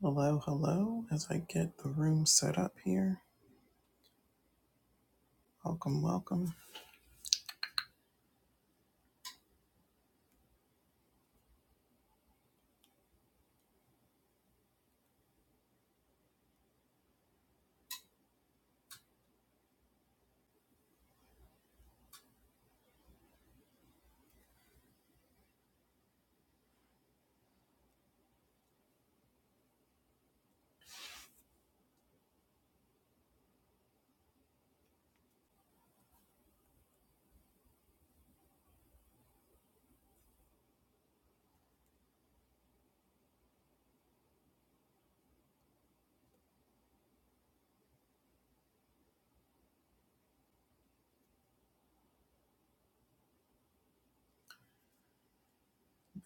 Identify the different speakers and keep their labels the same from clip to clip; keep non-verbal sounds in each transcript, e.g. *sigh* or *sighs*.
Speaker 1: Hello, hello. As I get the room set up here, welcome, welcome.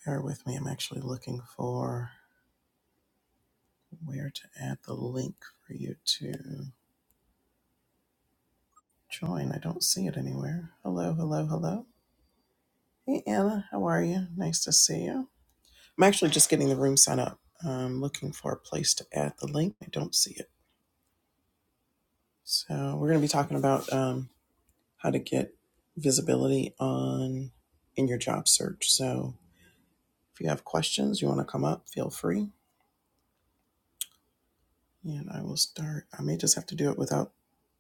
Speaker 1: Bear with me. I'm actually looking for where to add the link for you to join. I don't see it anywhere. Hello, hello, hello. Hey, Anna, how are you? Nice to see you. I'm actually just getting the room set up. I'm looking for a place to add the link. I don't see it. So, we're going to be talking about um, how to get visibility on in your job search. So, if you have questions, you want to come up, feel free And I will start. I may just have to do it without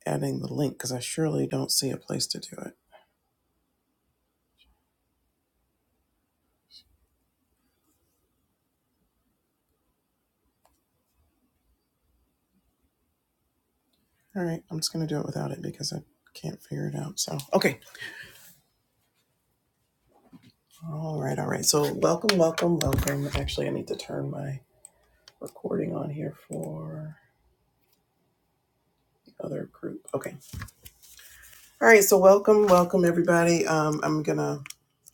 Speaker 1: adding the link because I surely don't see a place to do it. All right, I'm just going to do it without it because I can't figure it out. So, okay. All right, all right. So, welcome, welcome, welcome. Actually, I need to turn my recording on here for the other group. Okay. All right, so welcome, welcome, everybody. Um, I'm going to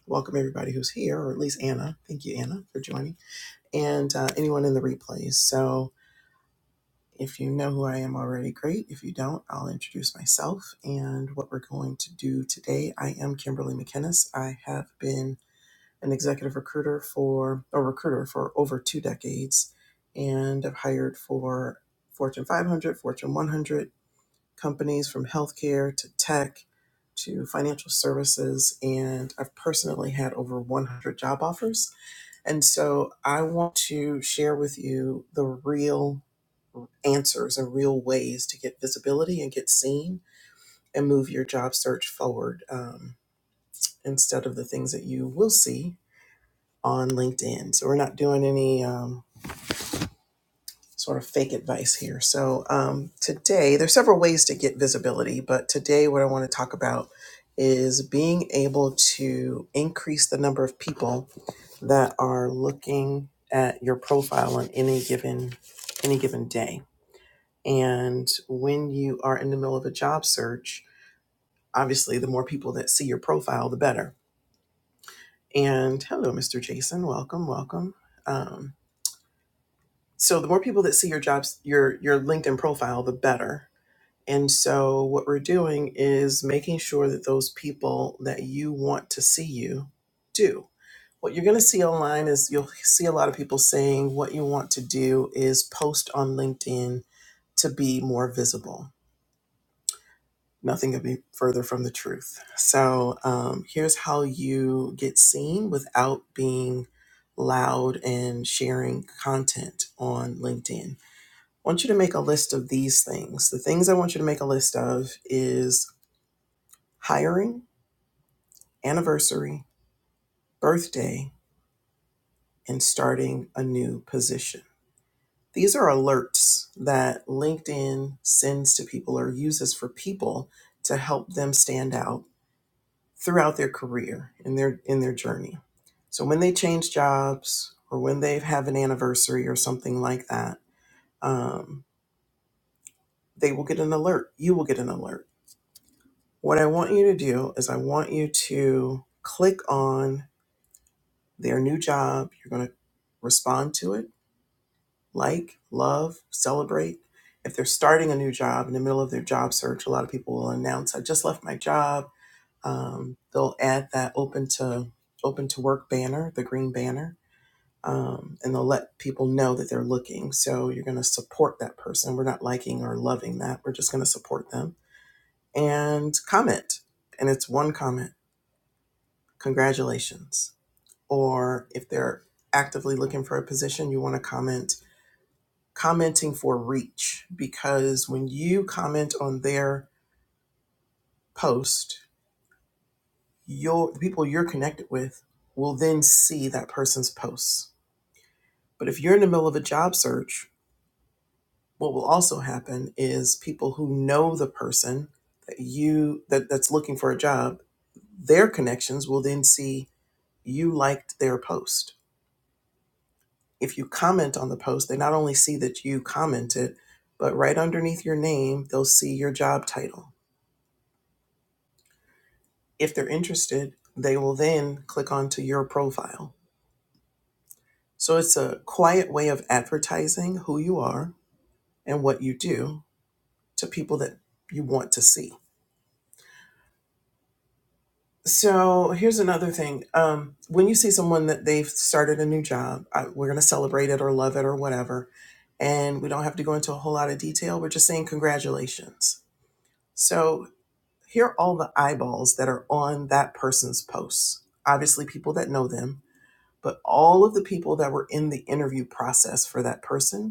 Speaker 1: welcome everybody who's here, or at least Anna. Thank you, Anna, for joining, and uh, anyone in the replays. So, If you know who I am already, great. If you don't, I'll introduce myself and what we're going to do today. I am Kimberly McInnes. I have been an executive recruiter for a recruiter for over two decades and I've hired for Fortune 500, Fortune 100 companies from healthcare to tech to financial services. And I've personally had over 100 job offers. And so I want to share with you the real answers and real ways to get visibility and get seen and move your job search forward um, instead of the things that you will see on LinkedIn. So we're not doing any um, sort of fake advice here. So um, today, there's several ways to get visibility, but today what I want to talk about is being able to increase the number of people that are looking at your profile on any given any given day. And when you are in the middle of a job search, obviously the more people that see your profile the better and hello mr jason welcome welcome um, so the more people that see your jobs your your linkedin profile the better and so what we're doing is making sure that those people that you want to see you do what you're going to see online is you'll see a lot of people saying what you want to do is post on linkedin to be more visible Nothing could be further from the truth. So um, here's how you get seen without being loud and sharing content on LinkedIn. I want you to make a list of these things. The things I want you to make a list of is hiring, anniversary, birthday, and starting a new position. These are alerts that LinkedIn sends to people or uses for people to help them stand out throughout their career in their in their journey. So when they change jobs or when they have an anniversary or something like that, um, they will get an alert. You will get an alert. What I want you to do is I want you to click on their new job. You're going to respond to it, like, love, celebrate. If they're starting a new job in the middle of their job search, a lot of people will announce, "I just left my job." Um, they'll add that open to open to work banner, the green banner, um, and they'll let people know that they're looking. So you're going to support that person. We're not liking or loving that. We're just going to support them and comment. And it's one comment, congratulations. Or if they're actively looking for a position, you want to comment, commenting for reach. Because when you comment on their post, your the people you're connected with will then see that person's posts. But if you're in the middle of a job search what will also happen is people who know the person that you that, that's looking for a job their connections will then see you liked their post if you comment on the post they not only see that you commented but right underneath your name they'll see your job title if they're interested they will then click onto your profile so it's a quiet way of advertising who you are and what you do to people that you want to see So here's another thing. Um, when you see someone that they've started a new job, I, we're going to celebrate it or love it or whatever. And we don't have to go into a whole lot of detail. We're just saying congratulations. So here are all the eyeballs that are on that person's posts. Obviously, people that know them, but all of the people that were in the interview process for that person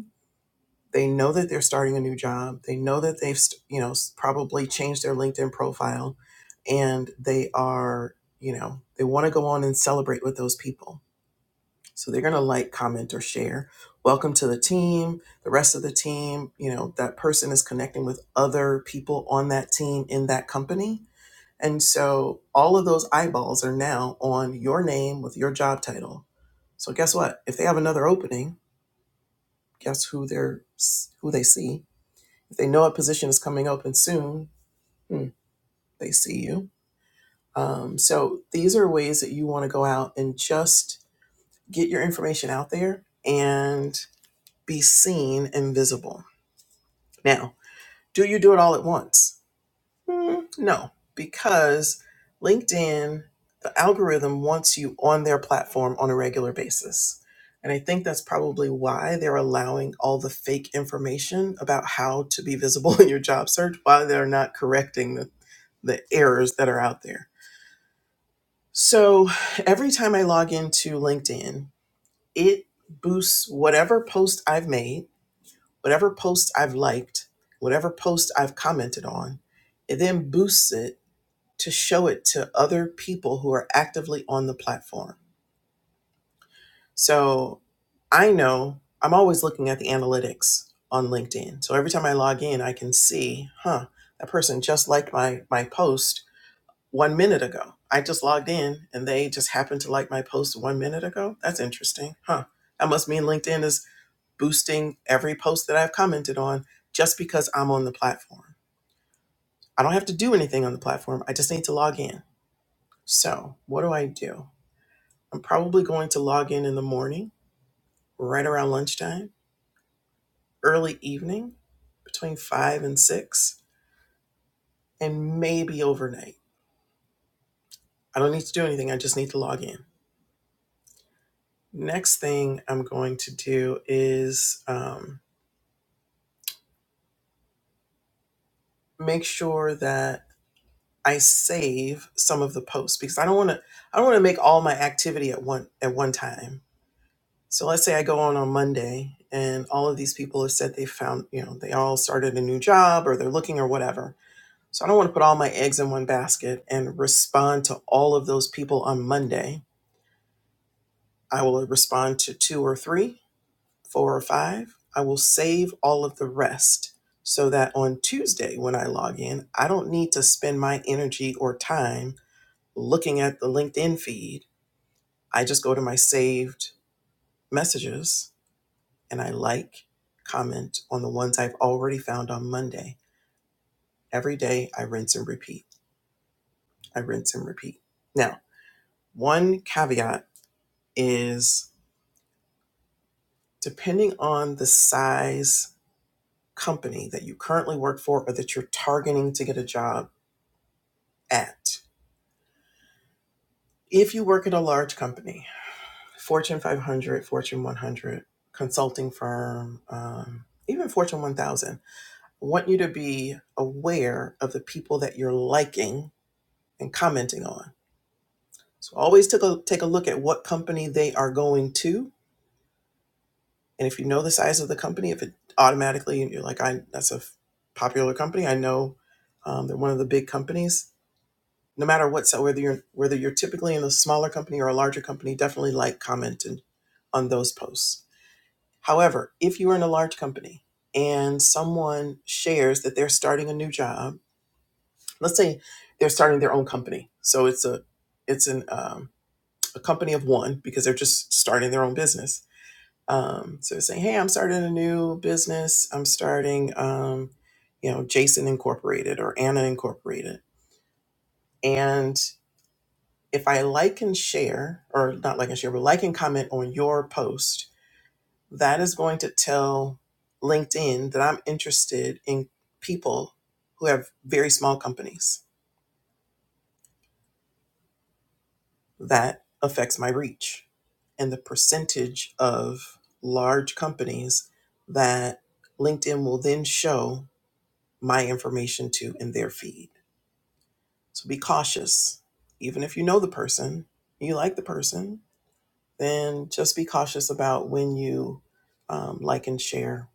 Speaker 1: they know that they're starting a new job. They know that they've, st- you know, s- probably changed their LinkedIn profile and they are, you know, they want to go on and celebrate with those people. So they're going to like, comment, or share. Welcome to the team, the rest of the team. You know, that person is connecting with other people on that team in that company. And so all of those eyeballs are now on your name with your job title. So guess what? If they have another opening, guess who they're s- who they see? If they know a position is coming open soon, hmm, they see you. Um, so these are ways that you want to go out and just get your information out there and be seen and visible. Now, do you do it all at once? Hmm, no, because LinkedIn, the algorithm wants you on their platform on a regular basis. And I think that's probably why they're allowing all the fake information about how to be visible *laughs* in your job search, why they're not correcting the. the errors that are out there. So every time I log into LinkedIn, it boosts whatever post I've made, whatever post I've liked, whatever post I've commented on. It then boosts it to show it to other people who are actively on the platform. So I know I'm always looking at the analytics on LinkedIn. So every time I log in, I can see, huh, that person just liked my my post one minute ago. I just logged in and they just happened to like my post one minute ago. That's interesting. Huh. That must mean LinkedIn is boosting every post that I've commented on just because I'm on the platform. I don't have to do anything on the platform. I just need to log in. So, what do I do? I'm probably going to log in in the morning, right around lunchtime, early evening, between five and six, and maybe overnight. I don't need to do anything. I just need to log in. Next thing I'm going to do is um, make sure that I save some of the posts because I don't want to. I don't want to make all my activity at one at one time. So let's say I go on on Monday and all of these people have said they found you know they all started a new job or they're looking or whatever. So I don't want to put all my eggs in one basket and respond to all of those people on Monday. I will respond to two or three four or five, I will save all of the rest so that on Tuesday when I log in, I don't need to spend my energy or time looking at the LinkedIn feed. I just go to my saved messages and I like, comment on the ones I've already found on Monday. Every day I rinse and repeat. I rinse and repeat. Now, one caveat is depending on the size company that you currently work for or that you're targeting to get a job at. If you work at a large company, Fortune 500, Fortune 100, consulting firm, um, even Fortune 1000, I want you to be aware of the people that you're liking and commenting on. So always take a, take a look at what company they are going to. And if you know the size of the company, if it automatically, you're like, I, that's a popular company, I know um, they're one of the big companies, no matter what so whether you're whether you're typically in a smaller company or a larger company definitely like comment and on those posts however if you are in a large company and someone shares that they're starting a new job let's say they're starting their own company so it's a it's an um, a company of one because they're just starting their own business um, so they're saying hey i'm starting a new business i'm starting um, you know jason incorporated or anna incorporated and if I like and share, or not like and share, but like and comment on your post, that is going to tell LinkedIn that I'm interested in people who have very small companies. That affects my reach and the percentage of large companies that LinkedIn will then show my information to in their feed. So be cautious. Even if you know the person, you like the person, then just be cautious about when you um, like and share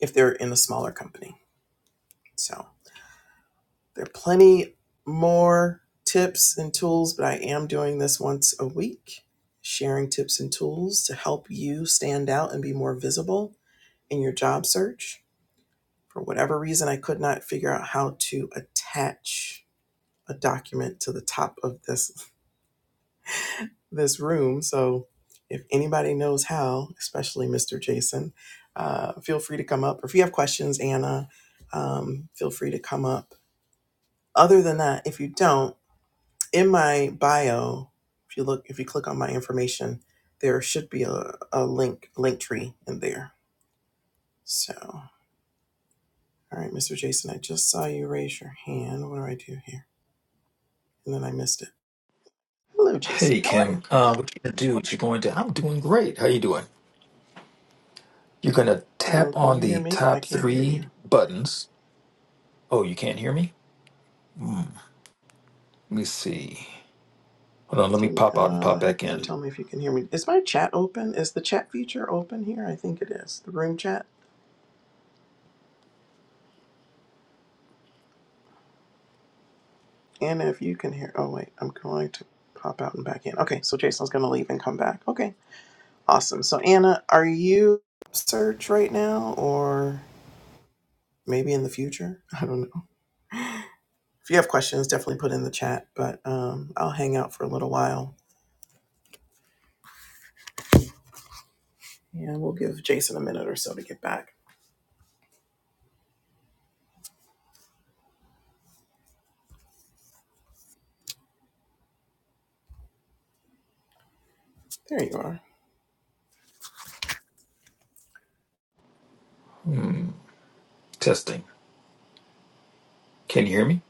Speaker 1: if they're in a smaller company. So there are plenty more tips and tools, but I am doing this once a week, sharing tips and tools to help you stand out and be more visible in your job search. For whatever reason, I could not figure out how to attach a document to the top of this this room. So if anybody knows how, especially Mr. Jason, uh, feel free to come up. Or If you have questions, Anna, um, feel free to come up. Other than that, if you don't, in my bio, if you look, if you click on my information, there should be a, a link, link tree in there. So, all right, Mr. Jason, I just saw you raise your hand. What do I do here? And then I missed it. Hello, Jason.
Speaker 2: Hey
Speaker 1: How are you?
Speaker 2: Kim, uh, what you gonna do? What you going to? I'm doing great. How you doing? You're gonna
Speaker 1: Oh,
Speaker 2: tap
Speaker 1: can
Speaker 2: on
Speaker 1: you hear
Speaker 2: the
Speaker 1: me? I
Speaker 2: top
Speaker 1: can't hear
Speaker 2: three
Speaker 1: you.
Speaker 2: buttons. Oh, you can't hear me? Hmm. Let me see. Hold on. Let me
Speaker 1: Can you,
Speaker 2: pop out and
Speaker 1: uh,
Speaker 2: pop
Speaker 1: how
Speaker 2: back
Speaker 1: can you
Speaker 2: in.
Speaker 1: tell me if you can hear me? Is my chat open? Is the chat feature open here? I think it is. The room chat. And if you can hear, oh wait, I'm going to pop out and back in. Okay, so Jason's going to leave and come back. Okay, awesome. So Anna, are you search right now or maybe in the future? *laughs* I don't know. If you have questions, definitely put in the chat, but um, I'll hang out for a little while. Yeah, we'll give Jason a minute or so to get back. There you are.
Speaker 2: Hmm. Testing. Can you hear me?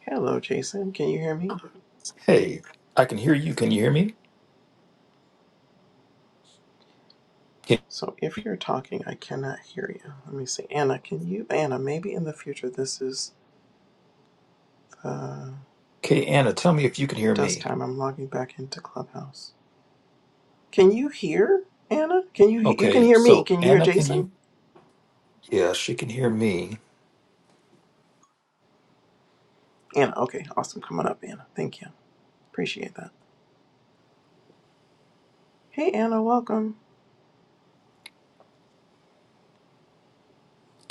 Speaker 1: Hello, Jason. Can you hear me?
Speaker 2: Hey, I can hear you. Can you hear me? Can-
Speaker 1: So if you're talking, I cannot hear you. Let me see. Anna, can you? Anna, maybe in the future this is the
Speaker 2: Okay, Anna, tell me if you can hear
Speaker 1: dust
Speaker 2: me.
Speaker 1: time. I'm logging back into Clubhouse. Can you hear Anna? Can you? You can
Speaker 2: Okay,
Speaker 1: hear me.
Speaker 2: so
Speaker 1: Can you hear
Speaker 2: Anna, can
Speaker 1: Jason?
Speaker 2: you? Yeah, she can hear me.
Speaker 1: Anna. Okay, awesome. Come on up, Anna. Thank you. Appreciate that. Hey, Anna. Welcome.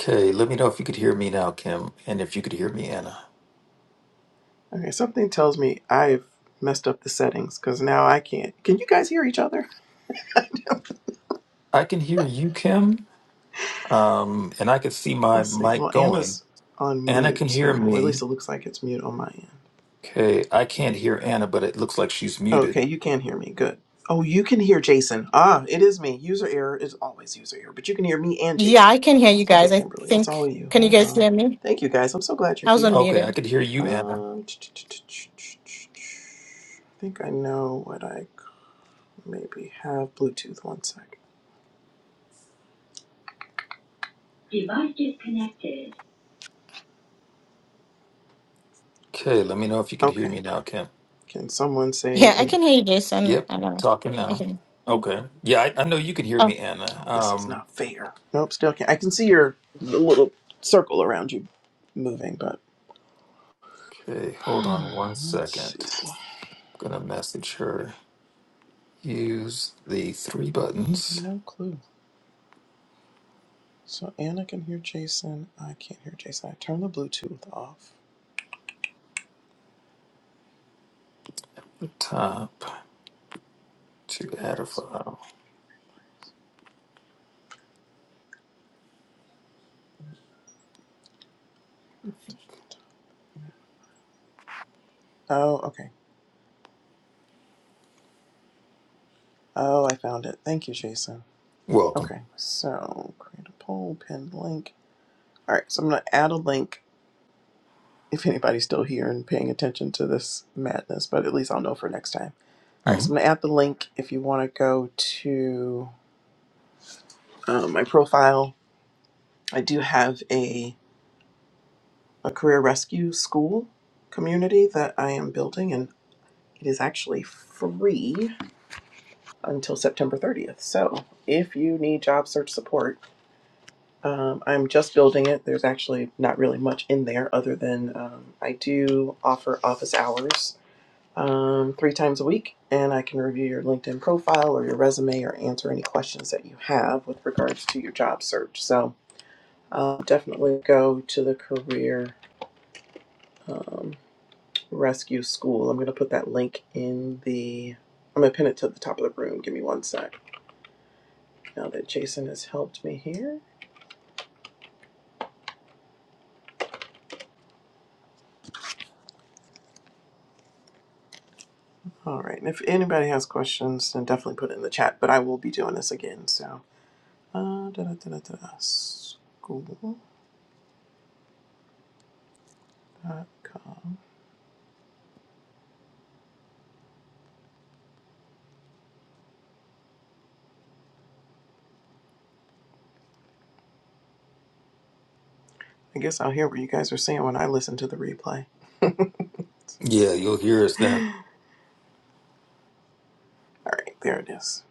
Speaker 2: Okay, let me know if you could hear me now, Kim, and if you could hear me, Anna.
Speaker 1: Okay, something tells me I've messed up the settings because now I can't. Can you guys hear each other?
Speaker 2: I can hear you, Kim. Um, and I could see my
Speaker 1: Let's see. Well,
Speaker 2: mic going.
Speaker 1: Anna's on
Speaker 2: Anna can
Speaker 1: mute, so
Speaker 2: hear
Speaker 1: or at
Speaker 2: me.
Speaker 1: least it looks like it's mute on my end.
Speaker 2: Okay, I can't hear Anna, but it looks like she's muted.
Speaker 1: Okay, you can hear me. Good. Oh, you can hear Jason. Ah, it is me. User error is always user error, but you can hear me and
Speaker 3: Yeah,
Speaker 1: Jason.
Speaker 3: I can hear you
Speaker 1: Okay,
Speaker 3: guys. I
Speaker 1: Kimberly, it's all
Speaker 3: think,
Speaker 1: you.
Speaker 3: can you
Speaker 1: Hold
Speaker 3: guys
Speaker 1: on.
Speaker 3: hear me?
Speaker 1: Thank you guys. I'm so glad you're
Speaker 3: I was
Speaker 1: here.
Speaker 2: Okay, I
Speaker 3: unmuted.
Speaker 2: could hear you, Anna.
Speaker 1: Um, I think I know what I could maybe have. Bluetooth, one sec. Device disconnected.
Speaker 2: Okay, let me know if you could hear me
Speaker 1: Okay.
Speaker 2: now, Kim.
Speaker 1: Can someone say
Speaker 3: Yeah, I can
Speaker 1: anything?
Speaker 3: hear you, Jason.
Speaker 2: Yep,
Speaker 3: I know.
Speaker 2: talking
Speaker 3: I
Speaker 2: now.
Speaker 3: can. yeah.
Speaker 2: Okay. Yeah, I, I know you can hear
Speaker 3: Oh.
Speaker 2: me, Anna.
Speaker 1: Oh, this is
Speaker 2: Um,
Speaker 1: not fair. Nope, still can't. I can see your little circle around you moving, but
Speaker 2: okay,
Speaker 1: *sighs*
Speaker 2: hold on one
Speaker 1: let's
Speaker 2: second.
Speaker 1: see.
Speaker 2: I'm gonna message her. Use the three buttons
Speaker 1: No clue. So Anna can hear Jason. I can't hear Jason. I turned the Bluetooth off.
Speaker 2: at the top to add a file.
Speaker 1: Oh, okay. Oh, I found it. Thank you, Jason.
Speaker 2: Welcome.
Speaker 1: Okay, so create a poll, pinned link. All right, so I'm going to add a link if anybody's still here and paying attention to this madness, but at least I'll know for next time. All right,
Speaker 2: hmm
Speaker 1: so I'm going to add the link if you want to go to um, my profile. I do have a, a career rescue school community that I am building, and. It is actually free until September 30th. So if you need job search support, um, I'm just building it. There's actually not really much in there other than um, I do offer office hours um, three times a week, and I can review your LinkedIn profile or your resume or answer any questions that you have with regards to your job search. So uh, definitely go to the career um, rescue school. I'm going to put that link in the. I'm going to pin it to the top of the room. Give me one sec. now that Jason has helped me here. All right, and if anybody has questions, then definitely put it in the chat, but I will be doing this again, so. Uh, da, da, da, da, da, school.com. I guess I'll hear what you guys are saying when I listen to the replay. *laughs* All
Speaker 2: Yeah, you'll hear us then.
Speaker 1: right, there it is.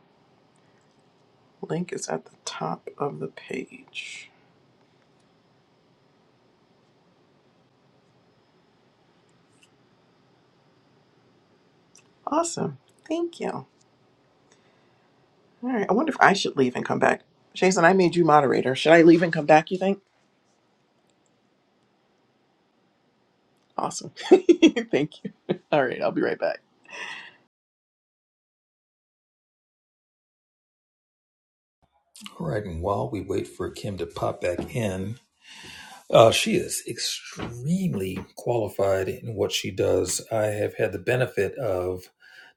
Speaker 1: Link is at the top of the page. Awesome. Thank you. All right, I wonder if I should leave and come back. Jason, I made you moderator. Should I leave and come back, you think? Awesome. *laughs* Thank you. All right, I'll be right back.
Speaker 2: All right, and while we wait for Kim to pop back in, uh, she is extremely qualified in what she does. I have had the benefit of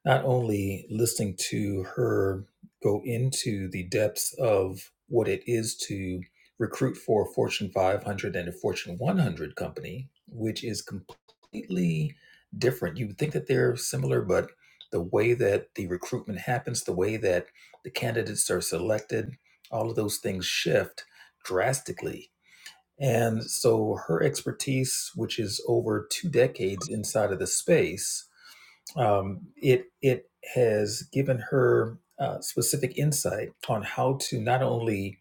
Speaker 2: not only listening to her go into the depths of what it is to recruit for a Fortune 500 and a Fortune 100 company, which is completely different. You would think that they're similar, but the way that the recruitment happens, the way that the candidates are selected, all of those things shift drastically and so her expertise, which is over two decades inside of the space, um, it it has given her uh, specific insight on how to not only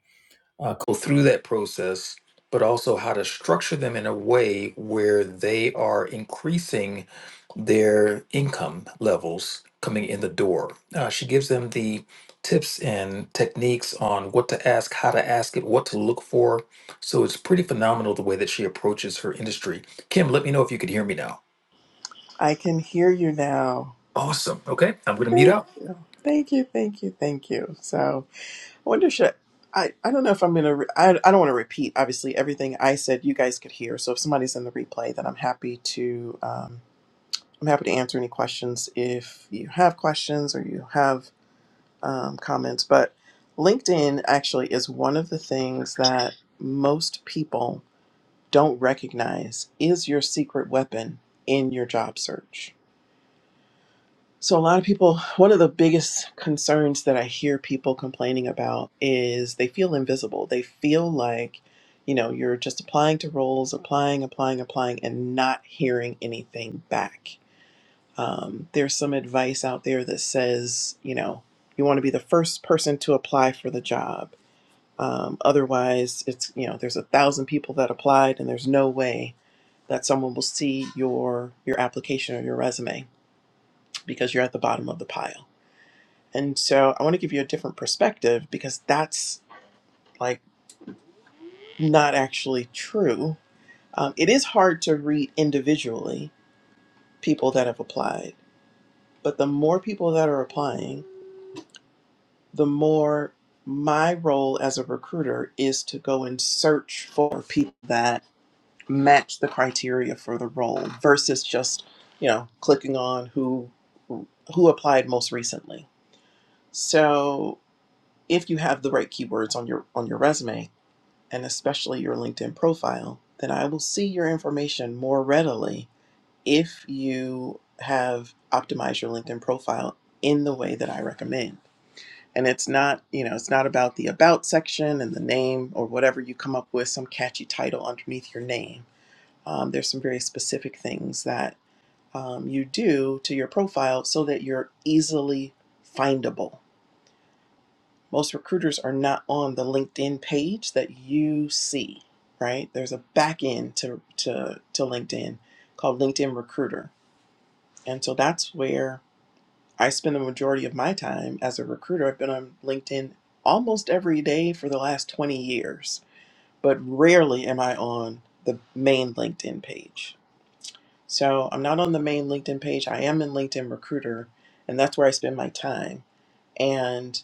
Speaker 2: go through that process, but also how to structure them in a way where they are increasing their income levels coming in the door. Uh, she gives them the tips and techniques on what to ask, how to ask it, what to look for. So it's pretty phenomenal the way that she approaches her industry. Kim, let me know if you could hear me now.
Speaker 1: I can hear you now.
Speaker 2: Awesome. Okay, I'm going to mute
Speaker 1: Thank
Speaker 2: out.
Speaker 1: you. Thank you. Thank you. Thank you. So I wonder should I, I don't know if I'm going to, re- I, I don't want to repeat, obviously, everything I said you guys could hear. So if somebody's in the replay, then I'm happy to, um, I'm happy to answer any questions if you have questions or you have um, comments. But LinkedIn actually is one of the things that most people don't recognize is your secret weapon in your job search So, a lot of people, one of the biggest concerns that I hear people complaining about is they feel invisible. They feel like, you know, you're just applying to roles, applying, applying, applying, and not hearing anything back. Um, there's some advice out there that says, you know, you want to be the first person to apply for the job. Um, otherwise, it's, you know, there's a thousand people that applied, and there's no way that someone will see your your application or your resume because you're at the bottom of the pile and so I want to give you a different perspective because that's like not actually true. Um, it is hard to read individually people that have applied, but the more people that are applying, the more my role as a recruiter is to go and search for people that match the criteria for the role versus just, you know, clicking on who who applied most recently. So if you have the right keywords on your on your resume, and especially your LinkedIn profile, then I will see your information more readily if you have optimized your LinkedIn profile in the way that I recommend. And it's not, you know, it's not about the about section and the name or whatever you come up with, some catchy title underneath your name. Um, there's some very specific things that um, you do to your profile so that you're easily findable most recruiters are not on the LinkedIn page that you see, right? There's a back end to, to, to LinkedIn called LinkedIn Recruiter. And so that's where I spend the majority of my time as a recruiter. I've been on LinkedIn almost every day for the last 20 years, but rarely am I on the main LinkedIn page. So I'm not on the main LinkedIn page. I am in LinkedIn Recruiter, and that's where I spend my time. and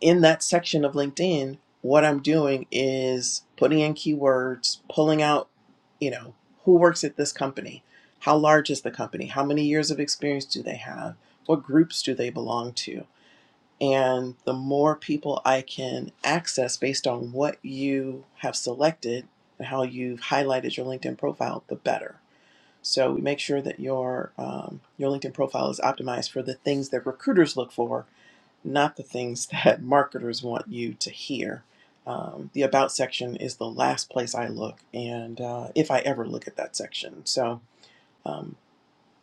Speaker 1: in that section of LinkedIn, what I'm doing is putting in keywords, pulling out, you know, who works at this company? How large is the company? How many years of experience do they have? What groups do they belong to? And the more people I can access based on what you have selected and how you've highlighted your LinkedIn profile, the better. So we make sure that your um, your LinkedIn profile is optimized for the things that recruiters look for not the things *laughs* that marketers want you to hear. Um, the About section is the last place I look, and uh, if I ever look at that section. So, um,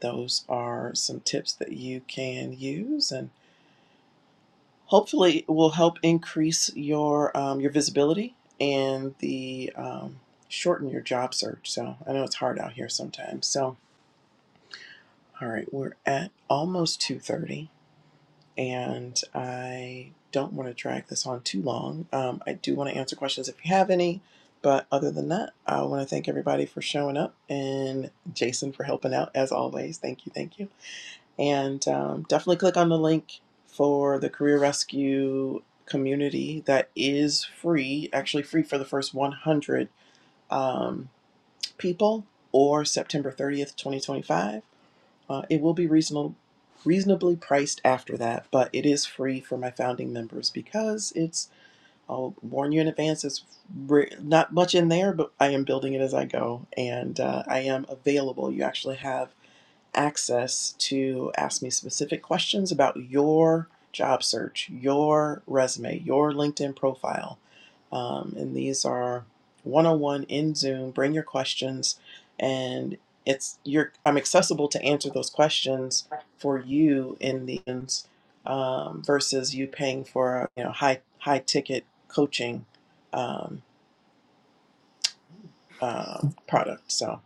Speaker 1: those are some tips that you can use, and hopefully, it will help increase your um, your visibility and the um, shorten your job search. So, I know it's hard out here sometimes. So, all right, we're at almost two thirty. and I don't want to drag this on too long. Um, I do want to answer questions if you have any, but other than that, I want to thank everybody for showing up and Jason for helping out as always. Thank you, thank you. And um, definitely click on the link for the Career Rescue community that is free, actually free for the first 100 um, people or September 30th, 2025 uh, it will be reasonable, reasonably priced after that, but it is free for my founding members because it's, I'll warn you in advance, it's not much in there, but I am building it as I go and uh, I am available. You actually have access to ask me specific questions about your job search, your resume, your LinkedIn profile. Um, and these are one-on-one in Zoom. Bring your questions, and it's you're I'm accessible to answer those questions for you in the end, um, versus you paying for you know high high ticket coaching um, uh, product. So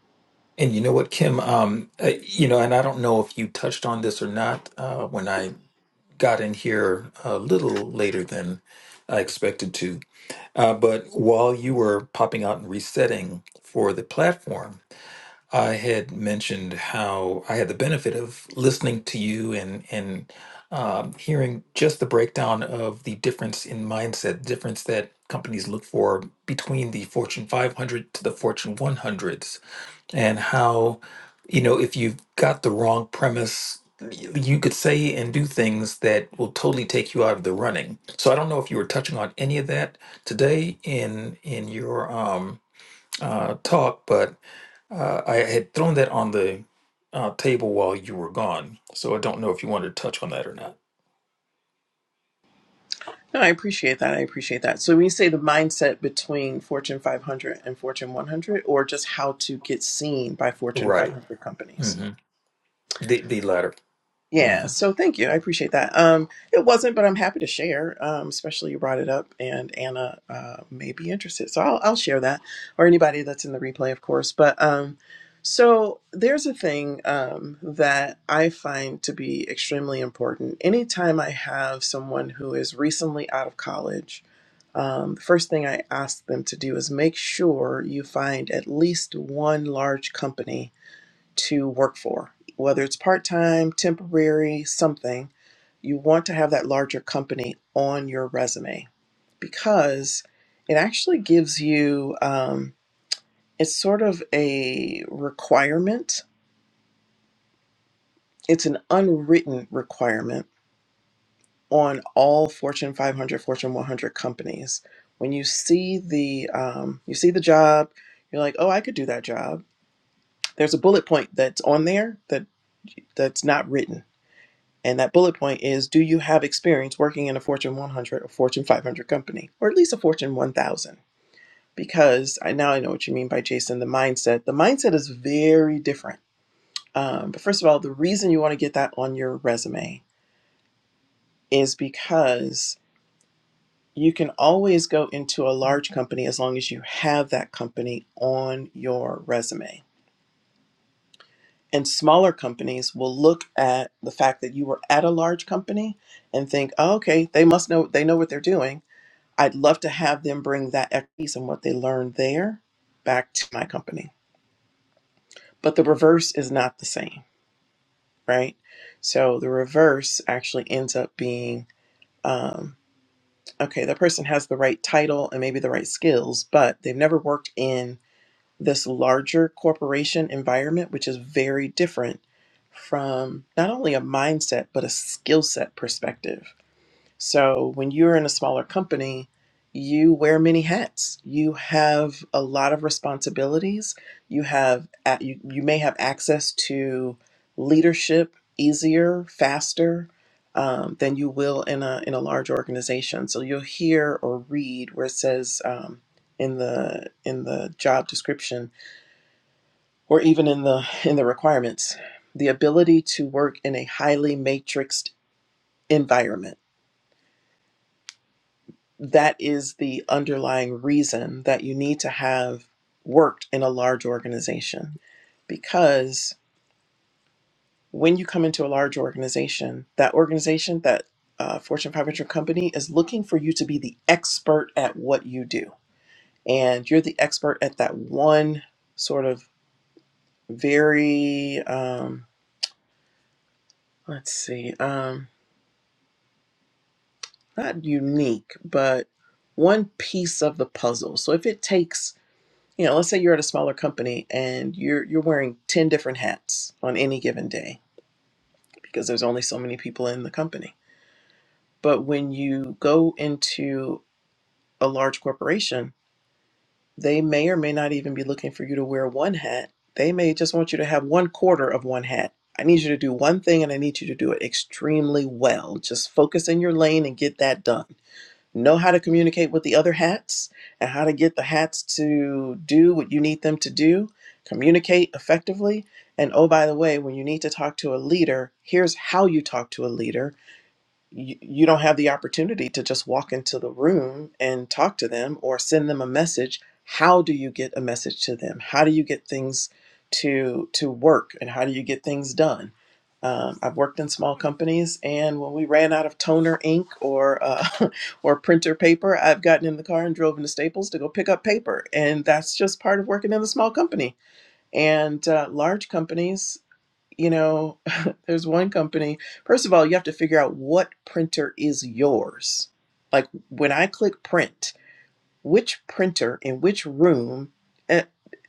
Speaker 2: And you know what, Kim? Um, uh, you know, and I don't know if you touched on this or not uh, when I got in here a little later than I expected to. Uh, but while you were popping out and resetting for the platform, I had mentioned how I had the benefit of listening to you and and um, hearing just the breakdown of the difference in mindset, difference that companies look for between the Fortune 500 to the Fortune 100s and how you know if you've got the wrong premise y- you could say and do things that will totally take you out of the running so i don't know if you were touching on any of that today in in your um uh talk but uh i had thrown that on the uh, table while you were gone so i don't know if you wanted to touch on that or not
Speaker 1: No, I appreciate that. I appreciate that. So, when you say the mindset between Fortune 500 and Fortune 100, or just how to get seen by Fortune
Speaker 2: right
Speaker 1: 500 companies.
Speaker 2: hmm the the latter
Speaker 1: Yeah.
Speaker 2: hmm
Speaker 1: So, thank you. I appreciate that. Um, it wasn't, but I'm happy to share. Um, especially you brought it up, and Anna uh, may be interested. So, I'll I'll share that, or anybody that's in the replay, of course. But um, so there's a thing um, that I find to be extremely important. Anytime I have someone who is recently out of college um, the first thing I ask them to do is make sure you find at least one large company to work for, whether it's part time, temporary, something. You want to have that larger company on your resume because it actually gives you, um, it's sort of a requirement. It's an unwritten requirement on all Fortune 500, Fortune 100 companies. When you see the um, you see the job, you're like, oh, I could do that job. There's a bullet point that's on there that that's not written, and that bullet point is, do you have experience working in a Fortune 100 or Fortune 500 company, or at least a Fortune 1000? Because I now I know what you mean by Jason. The mindset, the mindset is very different. Um, but first of all, the reason you want to get that on your resume is because you can always go into a large company as long as you have that company on your resume. And smaller companies will look at the fact that you were at a large company and think, oh, okay, they must know they know what they're doing. I'd love to have them bring that expertise and what they learned there back to my company. But the reverse is not the same, right? So the reverse actually ends up being um, okay, that person has the right title and maybe the right skills, but they've never worked in this larger corporation environment, which is very different from not only a mindset, but a skill set perspective. So when you're in a smaller company, you wear many hats. You have a lot of responsibilities. You have a- you, you may have access to leadership easier, faster um, than you will in a in a large organization. So you'll hear or read where it says um, in the in the job description or even in the in the requirements the ability to work in a highly matrixed environment that is the underlying reason that you need to have worked in a large organization because when you come into a large organization that organization that uh, fortune 500 company is looking for you to be the expert at what you do and you're the expert at that one sort of very um, let's see um, not unique, but one piece of the puzzle. So if it takes, you know, let's say you're at a smaller company and you're you're wearing 10 different hats on any given day because there's only so many people in the company. But when you go into a large corporation, they may or may not even be looking for you to wear one hat. They may just want you to have one quarter of one hat. I need you to do one thing and I need you to do it extremely well. Just focus in your lane and get that done know how to communicate with the other hats and how to get the hats to do what you need them to do, communicate effectively. And oh, by the way, when you need to talk to a leader, here's how you talk to a leader you, you don't have the opportunity to just walk into the room and talk to them or send them a message how do you get a message to them how do you get things to to work and how do you get things done um, i've worked in small companies and when we ran out of toner ink or uh, *laughs* or printer paper i've gotten in the car and drove into staples to go pick up paper and that's just part of working in a small company and uh, large companies you know, *laughs* there's one company. First of all, you have to figure out what printer is yours. Like when I click print, which printer in which room eh,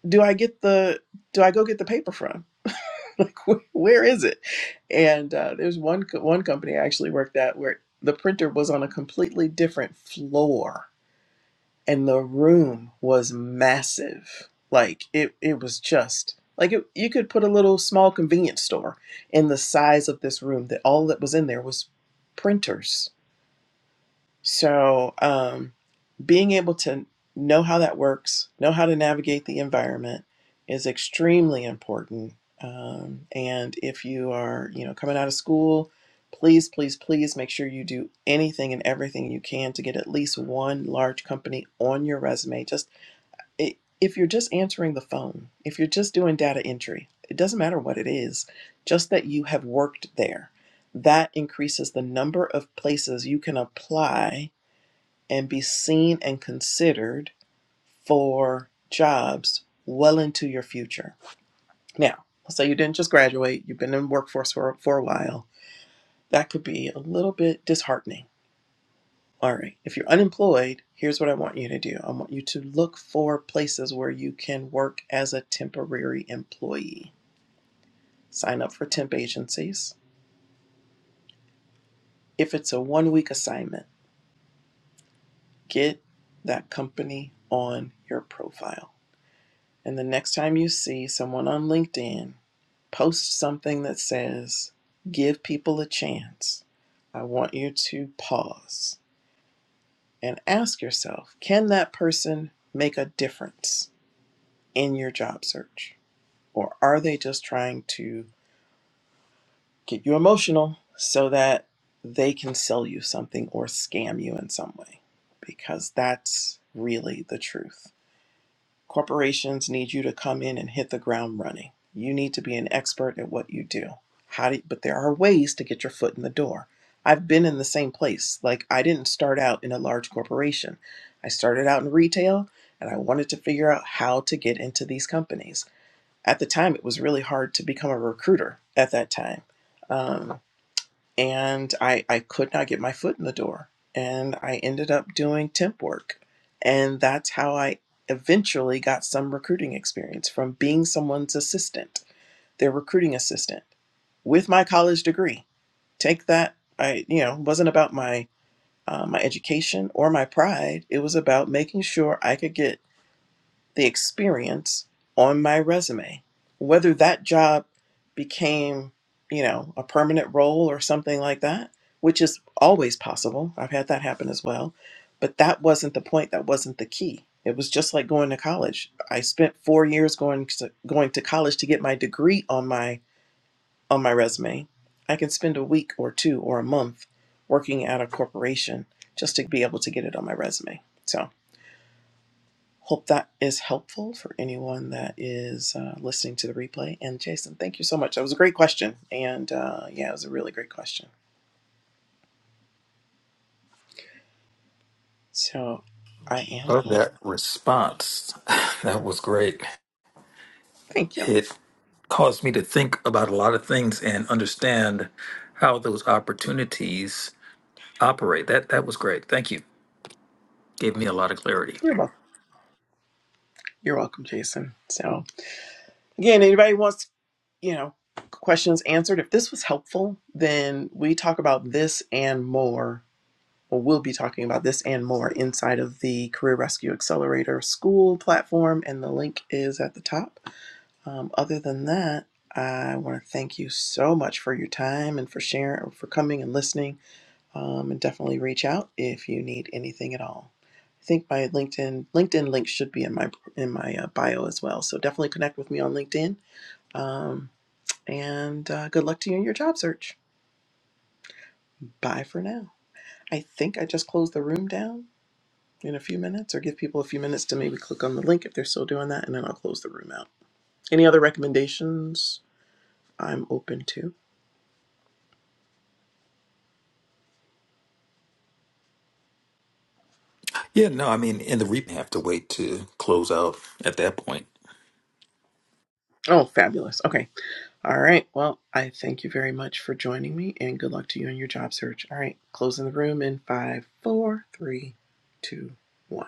Speaker 1: do I get the do I go get the paper from? *laughs* Like wh- where is it? And uh, there's one co- one company I actually worked at where the printer was on a completely different floor and the room was massive. Like it, it was just like it, you could put a little small convenience store in the size of this room. That all that was in there was printers so, um, being able to know how that works, know how to navigate the environment is extremely important. Um, and if you are, you know, coming out of school, please, please, please make sure you do anything and everything you can to get at least one large company on your resume. Just i if you're just answering the phone, if you're just doing data entry, it doesn't matter what it is, just that you have worked there. That increases the number of places you can apply and be seen and considered for jobs well into your future. Now, let's say you didn't just graduate, you've been in the workforce for, for a while. That could be a little bit disheartening. All right, if you're unemployed, here's what I want you to do I want you to look for places where you can work as a temporary employee. Sign up for temp agencies. If it's a one week assignment, get that company on your profile. And the next time you see someone on LinkedIn post something that says, give people a chance, I want you to pause and ask yourself, can that person make a difference in your job search? Or are they just trying to get you emotional so that they can sell you something or scam you in some way? Because that's really the truth. Corporations need you to come in and hit the ground running. You need to be an expert at what you do. How do you, but there are ways to get your foot in the door. I've been in the same place. Like I didn't start out in a large corporation. I started out in retail and I wanted to figure out how to get into these companies. At the time it was really hard to become a recruiter at that time. Um, and I, I could not get my foot in the door. And I ended up doing temp work. And that's how I eventually got some recruiting experience from being someone's assistant, their recruiting assistant, with my college degree. Take that. I, you know, wasn't about my uh, my education or my pride. It was about making sure I could get the experience on my resume. Whether that job became, you know, a permanent role or something like that, which is always possible. I've had that happen as well. But that wasn't the point. That wasn't the key. It was just like going to college. I spent four years going to, going to college to get my degree on my on my resume. I can spend a week or two or a month working at a corporation just to be able to get it on my resume. So. Hope that is helpful for anyone that is uh, listening to the replay. And Jason, thank you so much. That was a great question. And uh, yeah, it was a really great question. So I am
Speaker 2: love
Speaker 1: going.
Speaker 2: that response *laughs* that was great
Speaker 1: Thank you.
Speaker 2: caused me to think about a lot of things and understand how those opportunities operate. That that was great. Thank you. Gave me a lot of clarity.
Speaker 1: You're welcome. You're welcome, Jason. So again, anybody wants, you know, questions answered. If this was helpful, then we talk about this and more. Well, we'll be talking about this and more inside of the Career Rescue Accelerator School platform, and the link is at the top. Um, other than that, I want to thank you so much for your time and for sharing, for coming and listening. Um, and definitely reach out if you need anything at all. I think my LinkedIn LinkedIn link should be in my in my uh, bio as well. So definitely connect with me on LinkedIn. Um, and uh, good luck to you in your job search. Bye for now. I think I just close the room down in a few minutes, or give people a few minutes to maybe click on the link if they're still doing that, and then I'll close the room out. Any other recommendations? I'm open to.
Speaker 2: Yeah, no, I mean, in the reap, have to wait to close out at that point.
Speaker 1: Oh, fabulous. Okay. All right. Well, I thank you very much for joining me and good luck to you in your job search. All right. Closing the room in five, four, three, two, one.